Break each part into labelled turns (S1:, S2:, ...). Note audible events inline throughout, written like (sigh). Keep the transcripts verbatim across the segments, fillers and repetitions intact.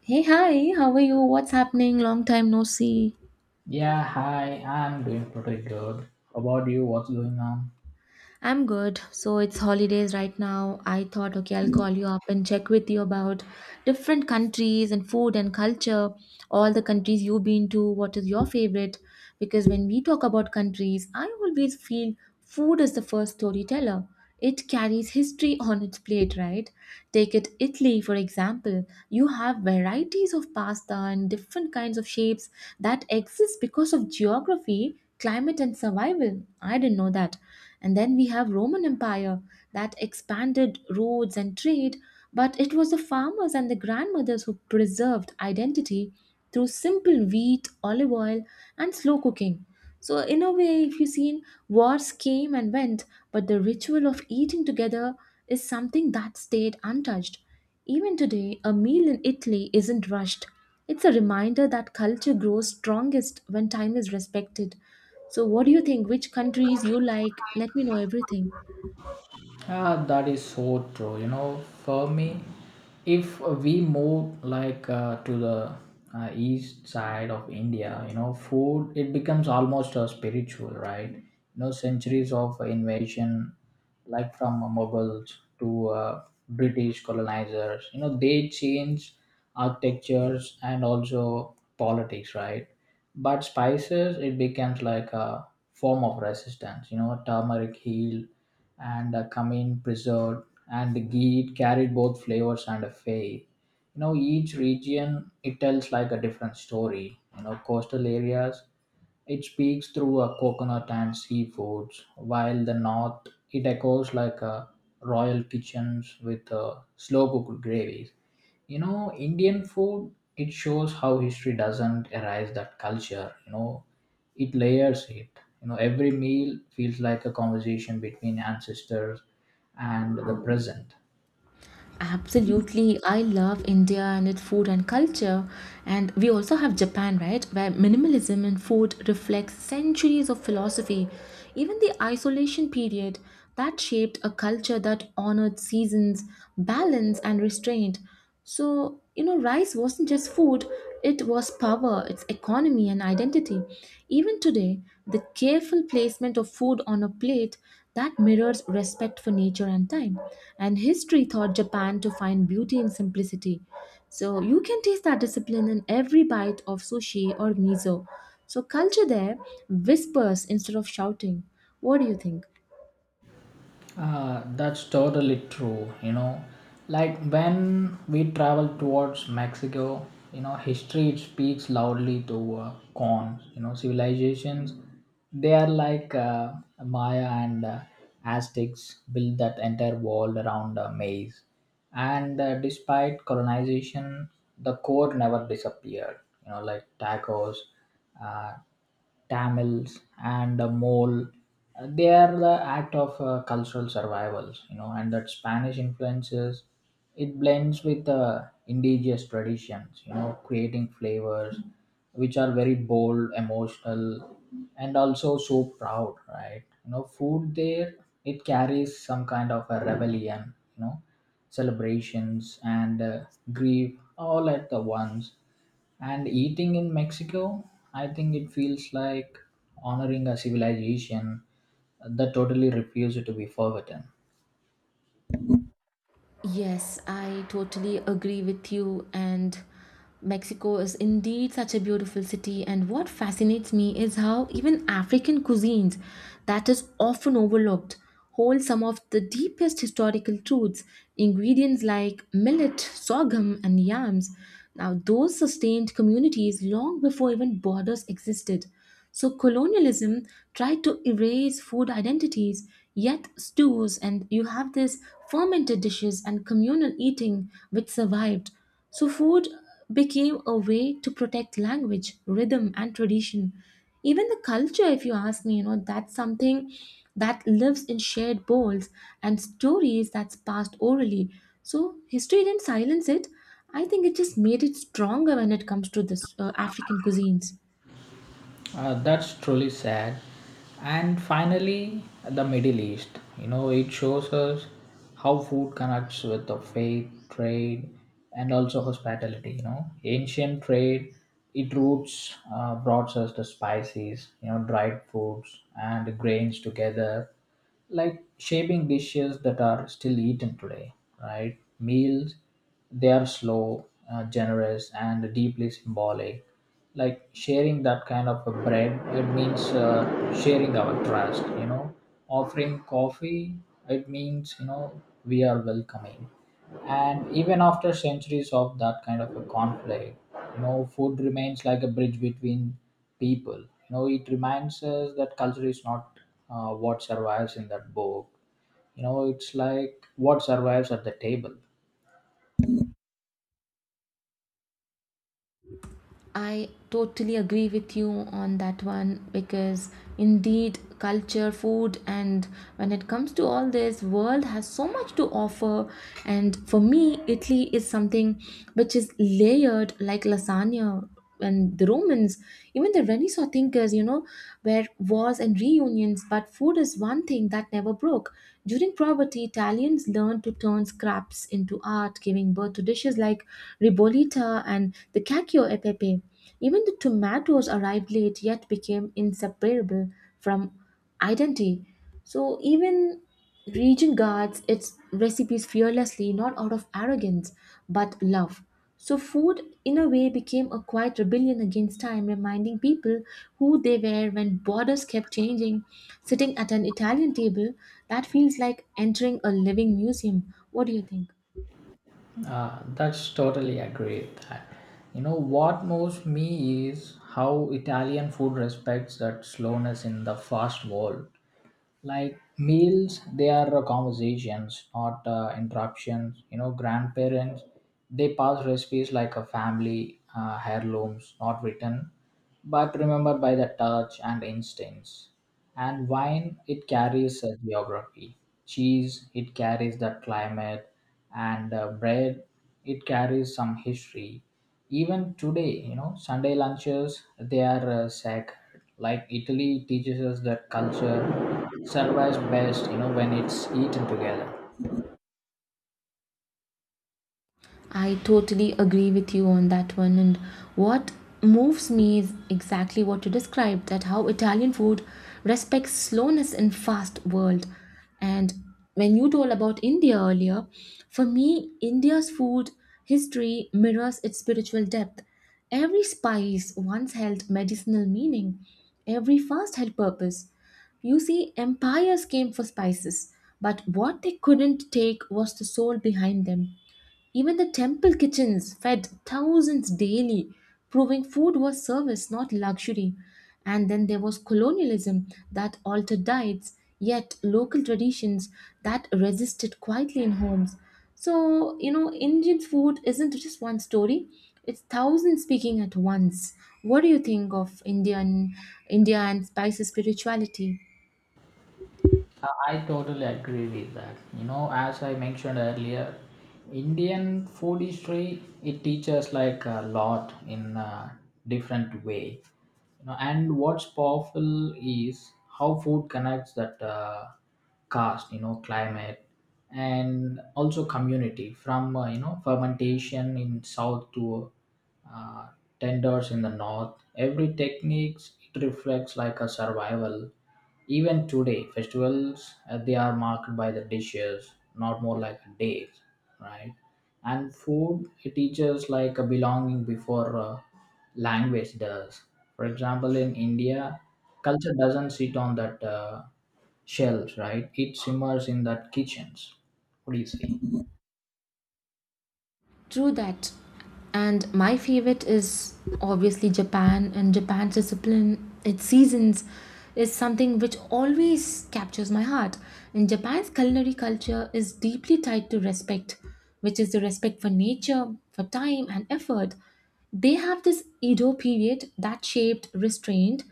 S1: Hey, hi, how are you? What's happening? Long time no see.
S2: Yeah, hi, I'm doing pretty good. How about you? What's going on?
S1: I'm good. So it's holidays right now. I thought, okay, I'll call you up and check with you about different countries and food and culture, all the countries you've been to. What is your favorite? Because when we talk about countries, I always feel food is the first storyteller. It carries history (laughs) on its plate, right? Take it Italy, for example. You have varieties of pasta and different kinds of shapes that exist because of geography, climate, and survival. I didn't know that. And then we have Roman Empire that expanded roads and trade, but it was the farmers and the grandmothers who preserved identity through simple wheat, olive oil, and slow cooking. So in a way, if you seen wars came and went, but the ritual of eating together is something that stayed untouched. Even today, a meal in Italy isn't rushed. It's a reminder that culture grows strongest when time is respected. So, what do you think? Which countries you like? Let me know everything.
S2: Ah, that is so true. You know, for me, if we move like uh, to the uh, east side of India, you know, food it becomes almost uh, spiritual, right? You know, centuries of invasion, like from Mughals to uh, British colonizers, you know, they change architectures and also politics, right? But spices it becomes like a form of resistance. You know turmeric heal and uh, cumin preserved, and the ghee carried both flavors and a faith. You know each region it tells like a different story. You know coastal areas it speaks through a coconut and seafoods, while the north it echoes like a royal kitchens with uh, slow cooked gravies. You know indian food it shows how history doesn't erase that culture. You know it layers it. You know every meal feels like a conversation between ancestors and the present.
S1: Absolutely. I love India and its food and culture. And we also have Japan, right? Where minimalism in food reflects centuries of philosophy. Even the isolation period that shaped a culture that honored seasons, balance, and restraint. So, you know, rice wasn't just food, it was power, its economy, and identity. Even today, the careful placement of food on a plate that mirrors respect for nature and time. And history taught Japan to find beauty in simplicity. So, you can taste that discipline in every bite of sushi or miso. So, culture there whispers instead of shouting. What do you think?
S2: Uh, that's totally true. You know, like when we travel towards Mexico, you know, history it speaks loudly to uh, cons. You know, civilizations they are like uh, Maya and uh, Aztecs, built that entire world around a maze, and uh, despite colonization, the core never disappeared. You know, like tacos, uh, Tamils and the Mole. Uh, They are the act of uh, cultural survivals, you know, and that Spanish influences it blends with the indigenous traditions, you know, creating flavors which are very bold, emotional, and also so proud, right? You know, food there it carries some kind of a rebellion, you know, celebrations and uh, grief all at the once, and eating in Mexico, I think it feels like honoring a civilization that totally refused to be forgotten.
S1: Yes, I totally agree with you. And Mexico is indeed such a beautiful city. And what fascinates me is how even African cuisines, that is often overlooked, hold some of the deepest historical truths. Ingredients like millet, sorghum, and yams. Now, those sustained communities long before even borders existed. So colonialism tried to erase food identities, yet stews and you have this fermented dishes and communal eating which survived. So food became a way to protect language, rhythm and tradition. Even the culture, if you ask me, you know, that's something that lives in shared bowls and stories that's passed orally. So history didn't silence it. I think it just made it stronger when it comes to this uh, African cuisines.
S2: Uh, that's truly sad. And finally, the Middle East. You know, it shows us how food connects with the faith, trade, and also hospitality. You know, ancient trade, it roots uh, brought us the spices, you know, dried foods and grains together, like shaping dishes that are still eaten today, right? Meals, they are slow, uh, generous, and deeply symbolic, like sharing that kind of a bread it means uh, sharing our trust. You know offering coffee, it means you know we are welcoming. And even after centuries of that kind of a conflict, you know food remains like a bridge between people. You know it reminds us that culture is not uh, what survives in that book. You know it's like what survives at the table.
S1: I totally agree with you on that one because indeed culture, food and when it comes to all this world has so much to offer, and for me Italy is something which is layered like lasagna and the Romans, even the Renaissance thinkers, you know, were wars and reunions, but food is one thing that never broke. During poverty Italians learned to turn scraps into art, giving birth to dishes like ribollita and the cacio e pepe. Even the tomatoes arrived late yet became inseparable from identity. So even region guards its recipes fearlessly, not out of arrogance, but love. So food, in a way, became a quiet rebellion against time, reminding people who they were when borders kept changing. Sitting at an Italian table, that feels like entering a living museum. What do you think?
S2: Uh, that's totally agree with that. You know what moves me is how Italian food respects that slowness in the fast world. Like meals they are uh, conversations, not uh, interruptions. You know grandparents they pass recipes like a family uh, heirlooms, not written, but remembered by the touch and instincts. And wine it carries a geography, cheese it carries the climate, and uh, bread it carries some history. Even today, you know Sunday lunches they are uh, sacred. Like Italy teaches us that culture survives best you know when it's eaten together.
S1: I totally agree with you on that one. And what moves me is exactly what you described, that how Italian food respects slowness in fast world. And when you told about India earlier, for me, India's food history mirrors its spiritual depth. Every spice once held medicinal meaning, every fast held purpose. You see, empires came for spices, but what they couldn't take was the soul behind them. Even the temple kitchens fed thousands daily, proving food was service, not luxury. And then there was colonialism that altered diets, yet local traditions that resisted quietly in homes. So, you know, Indian food isn't just one story, it's thousands speaking at once. What do you think of Indian India and spices spirituality?
S2: Uh, I totally agree with that. You know, as I mentioned earlier, Indian food history it teaches like a lot in a different way. You know, and what's powerful is how food connects that uh, caste, you know, climate, and also community. From uh, you know fermentation in south to uh, tenders in the north, every techniques it reflects like a survival. Even today, festivals uh, they are marked by the dishes, not more like days, right? And food it teaches like a belonging before uh, language does. For example, in India, culture doesn't sit on that uh, shelves, right? It simmers in that kitchens. What do you say?
S1: True that. And my favorite is obviously Japan and Japan's discipline, its seasons is something which always captures my heart. And Japan's culinary culture is deeply tied to respect, which is the respect for nature, for time and effort. They have this Edo period that shaped restraint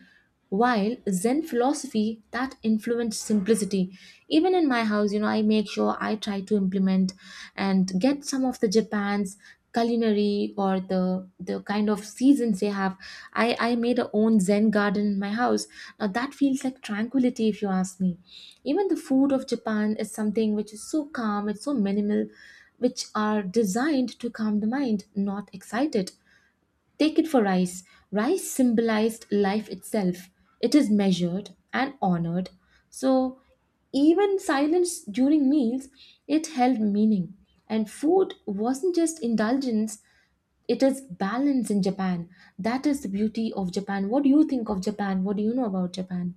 S1: while Zen philosophy that influenced simplicity, even in my house, you know, I make sure I try to implement and get some of the Japan's culinary or the the kind of seasons they have. I I made a own Zen garden in my house. Now that feels like tranquility, if you ask me. Even the food of Japan is something which is so calm, it's so minimal, which are designed to calm the mind, not excite it. Take it for rice. Rice symbolized life itself. It is measured and honored. So, even silence during meals, it held meaning. And food wasn't just indulgence, it is balance in Japan. That is the beauty of Japan. What do you think of Japan? What do you know about Japan?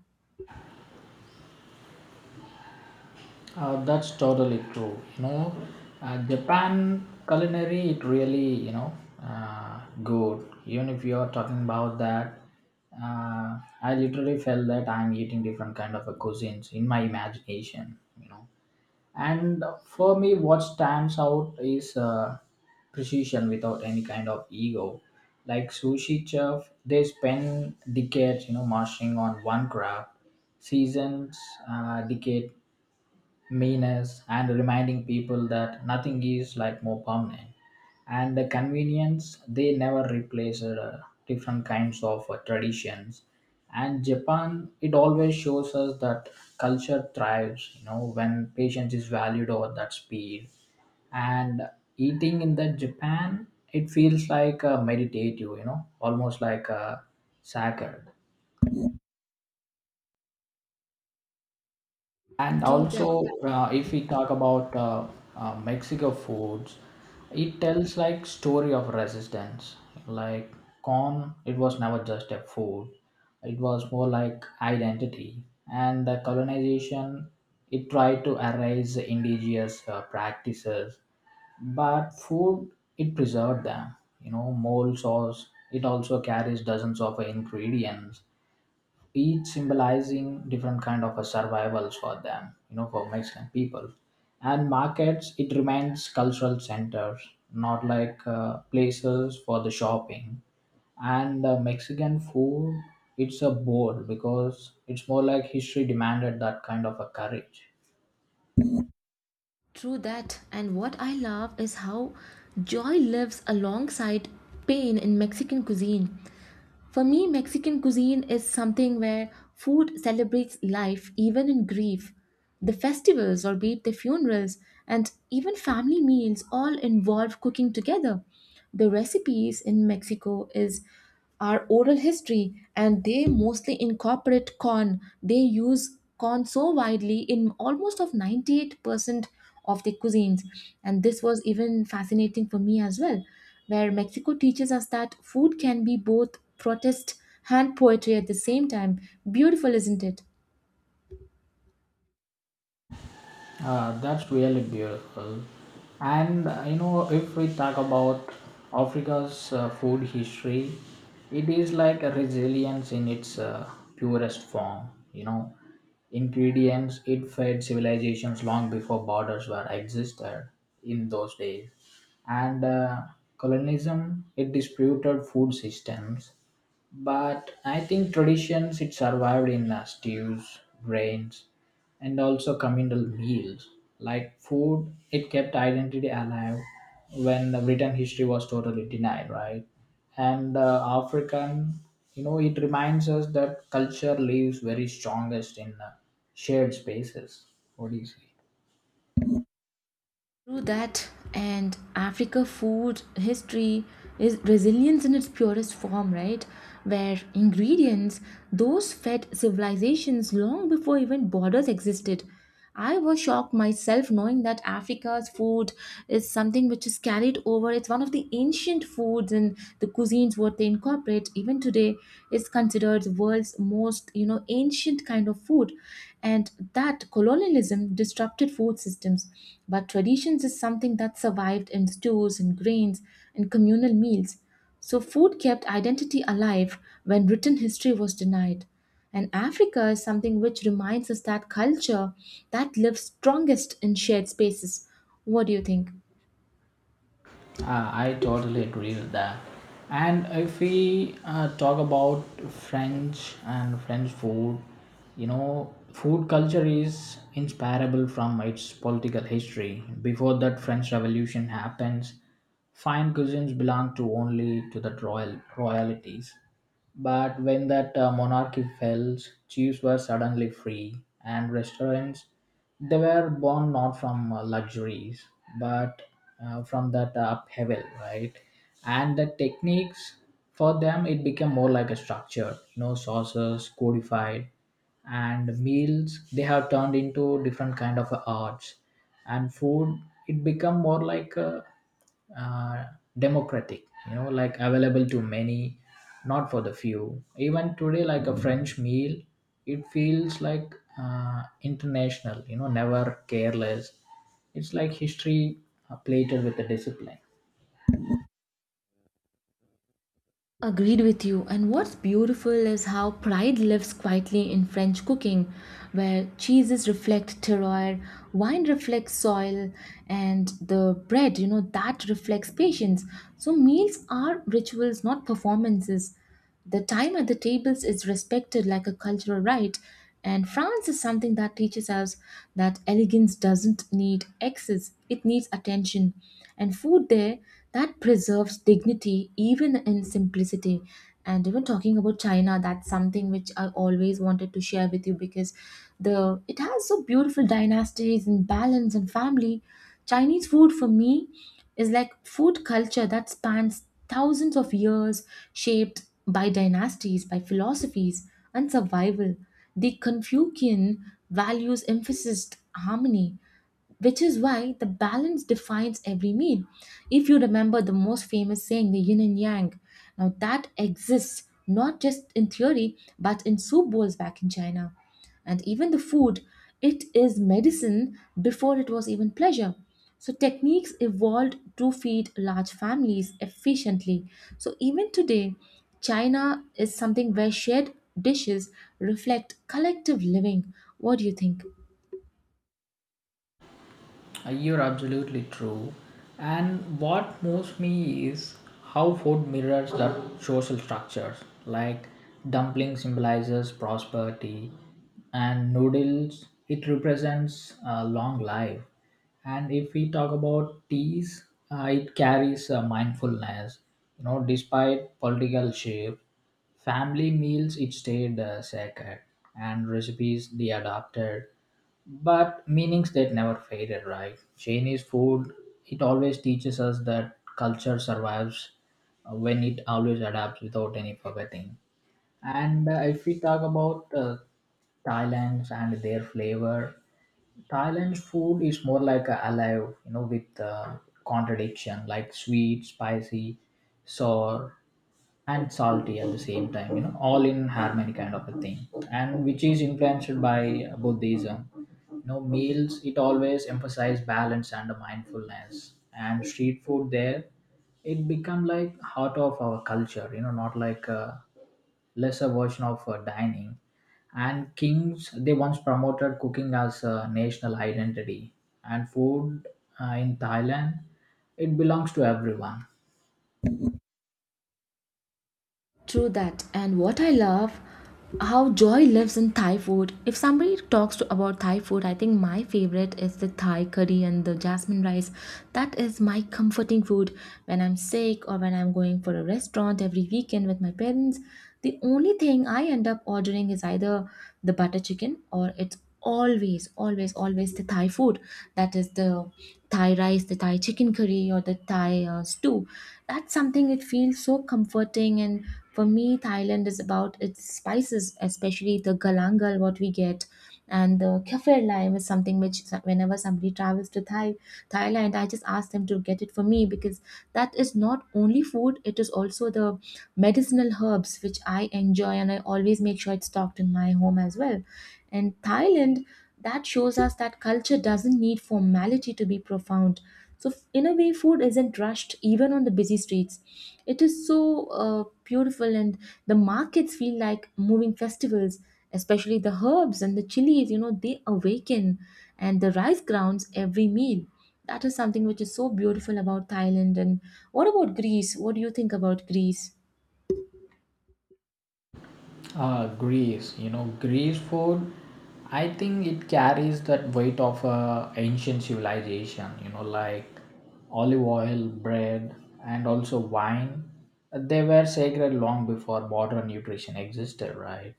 S2: Uh, that's totally true. You know, uh, Japan culinary it really, you know uh, good. Even if you are talking about that, uh, I literally felt that I'm eating different kind of a cuisines in my imagination. You know, and for me, what stands out is uh, precision without any kind of ego. Like sushi chef, they spend decades you know mastering on one craft. Seasons, uh, decade, meanness, and reminding people that nothing is like more permanent. And the convenience they never replace uh, different kinds of uh, traditions. And Japan it always shows us that culture thrives you know when patience is valued over that speed. And eating in the Japan, it feels like a meditative, you know almost like a sacred. And
S1: True that,
S2: also, uh, if we talk about uh, uh, Mexico foods, it tells like story of resistance. Like corn, it was never just a food; it was more like identity. And the colonization, it tried to erase indigenous uh, practices, but food it preserved them. You know, mole sauce. It also carries dozens of ingredients, each symbolizing different kind of a survivals for them, you know for Mexican people. And markets it remains cultural centers, not like uh, places for the shopping. And uh, Mexican food it's a bold because it's more like history demanded that kind of a courage.
S1: true that. And what I love is how joy lives alongside pain in Mexican cuisine. For me, Mexican cuisine is something where food celebrates life even in grief. The festivals, or be it the funerals, and even family meals all involve cooking together. The recipes in Mexico is our oral history and they mostly incorporate corn. They use corn so widely in almost of ninety-eight percent of the cuisines, and this was even fascinating for me as well, where Mexico teaches us that food can be both protest and poetry at the same time. Beautiful, isn't it?
S2: Uh, that's really beautiful. And uh, you know, if we talk about Africa's uh, food history, it is like a resilience in its uh, purest form. You know, ingredients it fed civilizations long before borders were existed in those days, and uh, colonialism it disputed food systems. But I think traditions it survived in uh, stews, grains, and also communal meals. Like food, it kept identity alive when the Britain history was totally denied, right? And uh, African, you know, it reminds us that culture lives very strongest in uh, shared spaces. What do you say?
S1: Through that, and Africa food history is resilience in its purest form, right? Where ingredients, those fed civilizations long before even borders existed. I was shocked myself knowing that Africa's food is something which is carried over. It's one of the ancient foods, and the cuisines what they incorporate even today is considered world's most, you know, ancient kind of food. And that colonialism disrupted food systems, but traditions is something that survived in stews and grains and communal meals. So food kept identity alive when written history was denied, and Africa is something which reminds us that culture that lives strongest in shared spaces. What do you think?
S2: Uh, I totally agree with that. And if we uh, talk about French and French food, you know, food culture is inseparable from its political history. Before that French Revolution happens, fine cuisines belonged to only to the royal royalties. But when that uh, monarchy fell, chiefs were suddenly free, and restaurants they were born not from uh, luxuries, but uh, from that uh, upheaval, right? And the techniques for them it became more like a structure, you know, sources codified, and meals they have turned into different kind of arts. And food it become more like a, uh, democratic, you know like available to many, not for the few. Even today, like a French meal, it feels like uh, international, you know never careless. It's like history uh, plated with the discipline.
S1: Agreed with you. And what's beautiful is how pride lives quietly in French cooking, where cheeses reflect terroir, wine reflects soil, and the bread, you know, that reflects patience. So meals are rituals, not performances. The time at the tables is respected like a cultural right, and France is something that teaches us that elegance doesn't need excess, it needs attention. And food there that preserves dignity even in simplicity. And even talking about China, that's something which I always wanted to share with you because the it has so beautiful dynasties and balance and family. Chinese food for me is like food culture that spans thousands of years, shaped by dynasties, by philosophies, and survival. The Confucian values emphasized harmony, which is why the balance defines every meal. If you remember the most famous saying, the yin and yang, now that exists not just in theory but in soup bowls back in China. And even the food, it is medicine before it was even pleasure. So, techniques evolved to feed large families efficiently. So, even today, China is something where shared dishes reflect collective living. What do you think?
S2: Uh, You're absolutely true. And what moves me is how food mirrors the social structures. Like dumpling symbolizes prosperity, and noodles it represents uh, long life. And if we talk about teas, uh, it carries uh, mindfulness. You know, despite political shift, family meals it stayed uh, sacred, and recipes they adapted, but meanings that never faded, right? Chinese food, it always teaches us that culture survives uh, when it always adapts without any forgetting. And uh, if we talk about uh, Thailand's and their flavor, Thailand's food is more like a alive, you know, with uh, contradiction, like sweet, spicy, sour, and salty at the same time, you know all in harmony kind of a thing. And which is influenced by Buddhism. You know meals it always emphasize balance and mindfulness. And street food there it become like heart of our culture, you know not like a lesser version of uh, dining. And kings they once promoted cooking as a national identity, and food uh, in Thailand it belongs to everyone.
S1: True that. And what I love, how joy lives in Thai food. If somebody talks to about Thai food, I think my favorite is the Thai curry and the jasmine rice. That is my comforting food when I'm sick or when I'm going for a restaurant every weekend with my parents. The only thing I end up ordering is either the butter chicken or it's always, always, always the Thai food. That is the Thai rice, the Thai chicken curry, or the Thai uh, stew. That's something it feels so comforting, and for me, Thailand is about its spices, especially the galangal, what we get, and the kaffir lime is something which so- whenever somebody travels to Thai, Thailand, I just ask them to get it for me because that is not only food; it is also the medicinal herbs which I enjoy, and I always make sure it's stocked in my home as well. And Thailand, that shows us that culture doesn't need formality to be profound. So, f- in a way, food isn't rushed even on the busy streets. It is so uh, beautiful, and the markets feel like moving festivals, especially the herbs and the chilies, you know, they awaken, and the rice grounds every meal. That is something which is so beautiful about Thailand. And what about Greece? What do you think about Greece?
S2: Uh, Greece, you know, Greece food, I think it carries that weight of uh, ancient civilization, you know, like olive oil, bread, and also wine. They were sacred long before modern nutrition existed, right?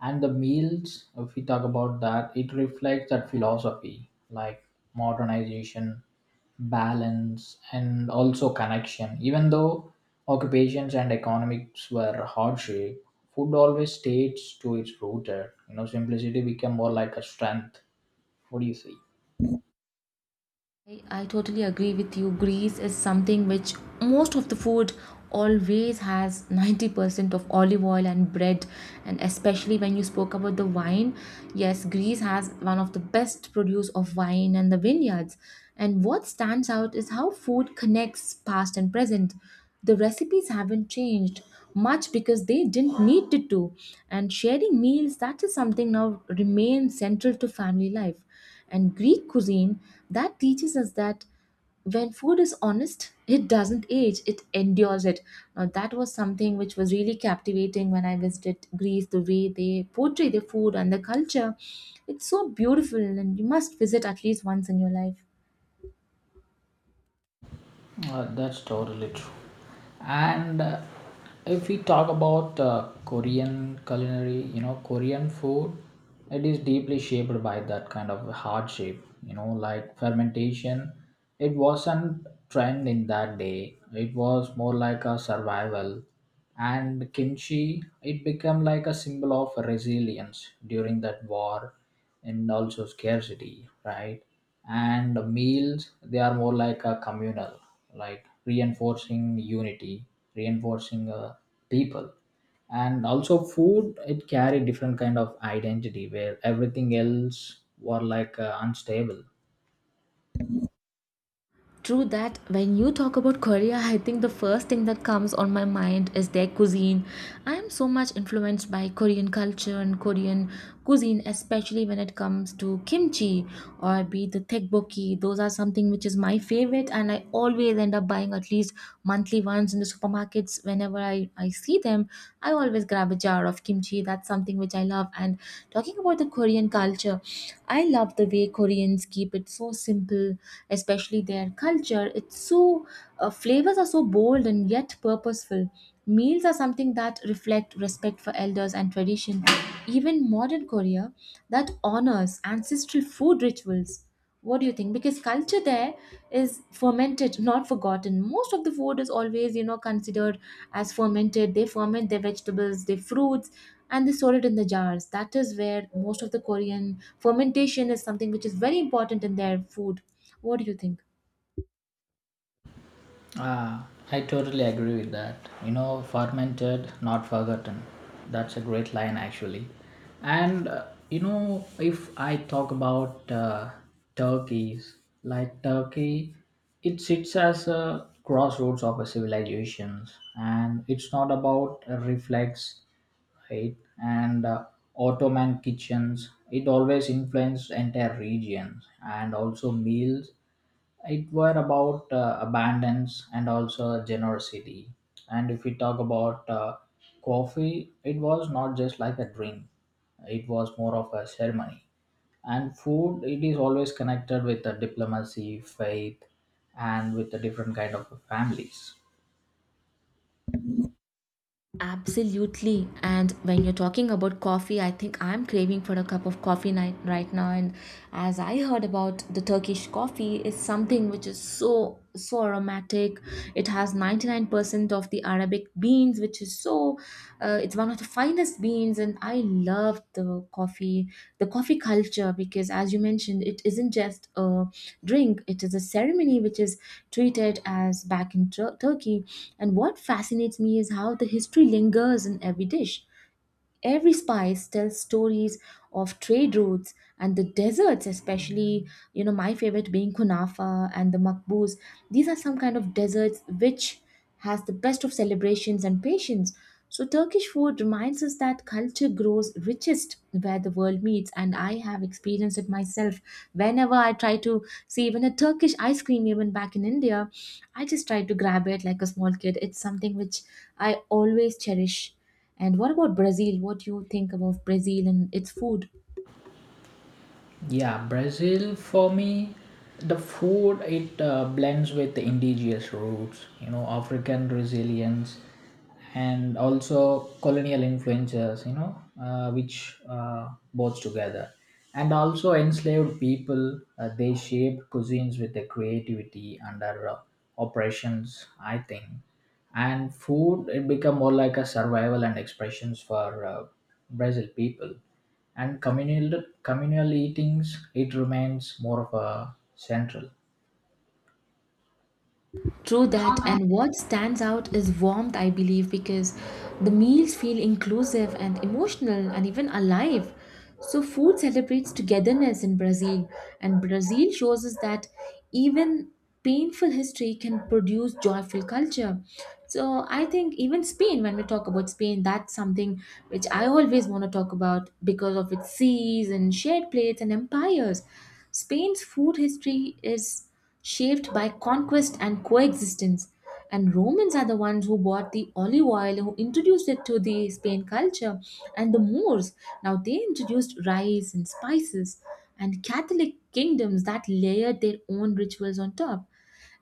S2: And the meals, if we talk about that, it reflects that philosophy, like modernization, balance, and also connection. Even though occupations and economics were hardship, food always stayed to its rooted. You know, simplicity became more like a strength. What do you say?
S1: I, I totally agree with you. Greece is something which most of the food always has ninety percent of olive oil and bread. And especially when you spoke about the wine, yes, Greece has one of the best produce of wine and the vineyards. And what stands out is how food connects past and present. The recipes haven't changed much because they didn't need it to. And sharing meals, that is something now remains central to family life and Greek cuisine that teaches us that when food is honest, it doesn't age, it endures it. Now, that was something which was really captivating when I visited Greece, the way they portray their food and their culture. It's so beautiful, and you must visit at least once in your life.
S2: Uh, that's totally true. And uh, if we talk about uh, Korean culinary, you know, Korean food, it is deeply shaped by that kind of hardship, you know, like fermentation. It wasn't trend in that day. It was more like a survival, and kimchi it became like a symbol of resilience during that war and also scarcity, right? And meals they are more like a communal, like reinforcing unity, reinforcing uh, people, and also food it carried different kind of identity where everything else were like uh, unstable.
S1: True that when you talk about Korea, I think the first thing that comes on my mind is their cuisine. I am so much influenced by Korean culture and Korean cuisine, especially when it comes to kimchi or be the tteokbokki. Those are something which is my favorite, and I always end up buying at least monthly ones in the supermarkets. Whenever I, I see them, I always grab a jar of kimchi. That's something which I love. And talking about the Korean culture, I love the way Koreans keep it so simple especially their culture. It's so, uh, flavors are so bold and yet purposeful. Meals are something that reflect respect for elders and tradition. Even modern Korea that honors ancestral food rituals. What do you think? Because culture there is fermented, not forgotten. Most of the food is always, you know, considered as fermented. They ferment their vegetables, their fruits, and they store it in the jars. That is where most of the Korean fermentation is something which is very important in their food. What do you think?
S2: Ah, I totally agree with that. You know, fermented, not forgotten. That's a great line, actually. And uh, you know, if I talk about uh, turkeys, like Turkey, it sits as a crossroads of a civilizations, and it's not about a reflex, right? And uh, Ottoman kitchens, it always influenced entire regions, and also meals it were about uh, abundance and also generosity. And if we talk about uh, coffee, it was not just like a drink, it was more of a ceremony. And food it is always connected with the diplomacy, faith, and with the different kind of families.
S1: Absolutely. And when you're talking about coffee, I think I'm craving for a cup of coffee night right now. And as I heard about the Turkish coffee is something which is so so aromatic. It has ninety-nine percent of the Arabic beans, which is so uh, it's one of the finest beans. And I love the coffee, the coffee culture, because as you mentioned, it isn't just a drink. It is a ceremony which is treated as back in Tur- Turkey. And what fascinates me is how the history lingers in every dish. Every spice tells stories of trade routes and the deserts, especially, you know, my favorite being Kunafa and the Makbuz. These are some kind of deserts which has the best of celebrations and patience. So Turkish food reminds us that culture grows richest where the world meets, and I have experienced it myself. Whenever I try to see even a Turkish ice cream, even back in India, I just tried to grab it like a small kid. It's something which I always cherish. And what about Brazil? What do you think about Brazil and its food?
S2: Yeah, Brazil for me, the food it uh, blends with the indigenous roots, you know, African resilience, and also colonial influences, you know, uh, which uh, both together, and also enslaved people. Uh, they shaped cuisines with their creativity under uh, oppressions, I think, and food it become more like a survival and expressions for uh, Brazil people. And communal communal eatings it remains more of a central.
S1: True that, and what stands out is warmth, I believe, because the meals feel inclusive and emotional and even alive. So, food celebrates togetherness in Brazil, and Brazil shows us that even painful history can produce joyful culture. So, I think even Spain, when we talk about Spain, that's something which I always want to talk about because of its seas and shared plates and empires. Spain's food history is shaped by conquest and coexistence. And Romans are the ones who bought the olive oil, who introduced it to the Spain culture, and the Moors. Now they introduced rice and spices, and Catholic kingdoms that layered their own rituals on top.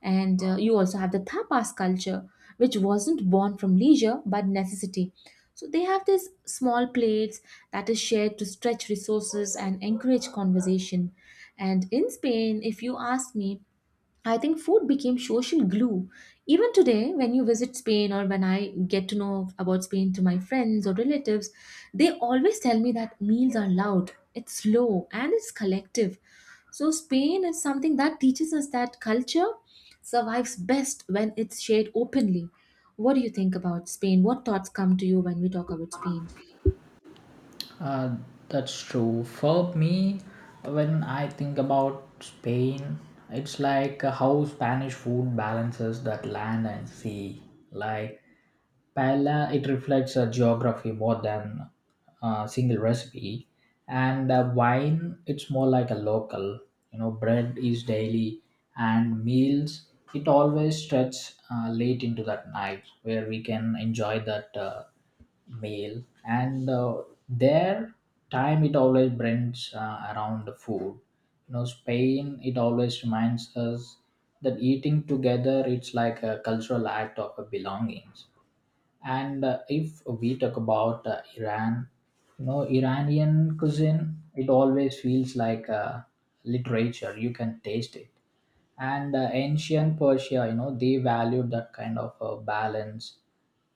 S1: And uh, you also have the tapas culture, which wasn't born from leisure but necessity. So they have this small plates that is shared to stretch resources and encourage conversation. And in Spain, if you ask me, I think food became social glue. Even today, when you visit Spain or when I get to know about Spain to my friends or relatives, they always tell me that meals are loud, it's slow, and it's collective. So, Spain is something that teaches us that culture survives best when it's shared openly. What do you think about Spain? What thoughts come to you when we talk about Spain?
S2: uh, that's true for me. When I think about Spain, it's like how Spanish food balances that land and sea. Like paella it reflects a geography more than a single recipe. And uh, wine it's more like a local. You know bread is daily, and meals it always stretch uh, late into that night, where we can enjoy that uh, meal. And uh, their time it always brings uh, around the food. You know spain it always reminds us that eating together it's like a cultural act of a belongings. And uh, if we talk about uh, Iran, you know, Iranian cuisine, it always feels like uh, literature. You can taste it. And uh, ancient Persia, you know, they valued that kind of uh, balance,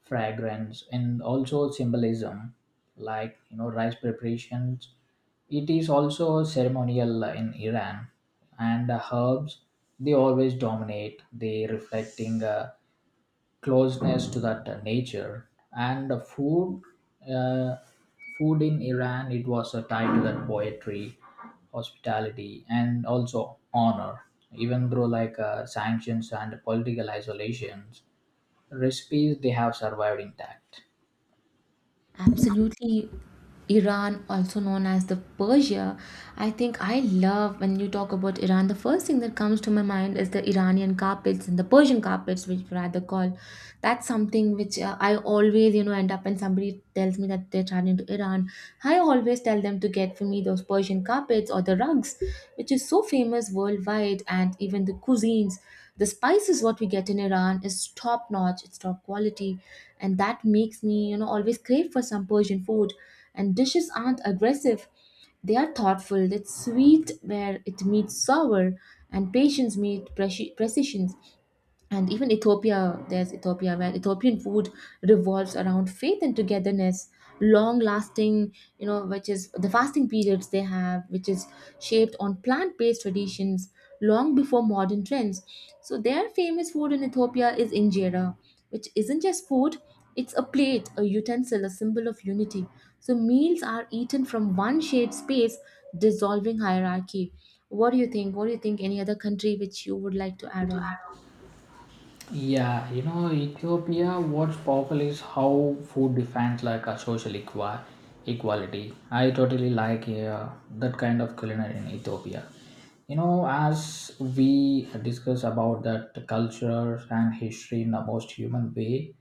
S2: fragrance, and also symbolism, like, you know, rice preparations. It is also ceremonial in Iran. And the herbs, they always dominate. They reflecting. Uh, closeness to that uh, nature, and the food uh, food in Iran it was uh, tied to that poetry, hospitality, and also honor. Even through like uh, sanctions and political isolations, recipes they have survived intact.
S1: Absolutely. Iran, also known as the Persia, I think I love when you talk about Iran. The first thing that comes to my mind is the Iranian carpets and the Persian carpets, which we rather call. That's something which uh, I always, you know, end up when somebody tells me that they're traveling to Iran. I always tell them to get for me those Persian carpets or the or the rugs, which is so famous worldwide, and even the cuisines. The spices what we get in Iran is top notch, it's top quality, and that makes me, you know, always crave for some Persian food. And dishes aren't aggressive, they are thoughtful. It's sweet where it meets sour, and patience meets precision and even Ethiopia, there's Ethiopia, where Ethiopian food revolves around faith and togetherness, long lasting, you know, which is the fasting periods they have, which is shaped on plant based traditions long before modern trends. So, their famous food in Ethiopia is injera, which isn't just food, it's a plate, a utensil, a symbol of unity. So, meals are eaten from one shared space, dissolving hierarchy. What do you think? What do you think? Any other country which you would like to add on?
S2: Yeah, you know, Ethiopia, what's powerful is how food defines like a social equa- equality. I totally like uh, that kind of culinary in Ethiopia. You know, as we discuss about that culture and history in the most human way,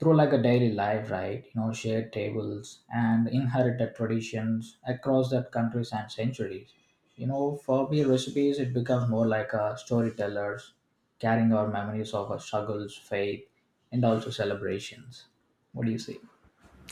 S2: through like a daily life, right? You know shared tables and inherited traditions across that countries and centuries. You know for me, recipes it becomes more like a storytellers, carrying our memories of our struggles, faith, and also celebrations. What do you say?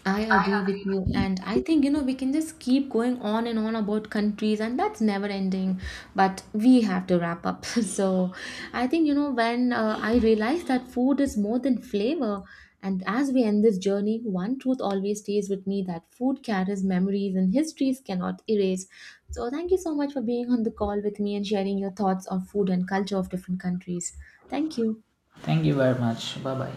S1: I agree
S2: I
S1: with you,
S2: agree.
S1: and I think you know we can just keep going on and on about countries, and that's never ending. But we have to wrap up. (laughs) So, I think you know when uh, I realized that food is more than flavor, and as we end this journey, one truth always stays with me that food carries memories and histories cannot erase. So, thank you so much for being on the call with me and sharing your thoughts on food and culture of different countries. Thank you.
S2: Thank you very much. Bye bye.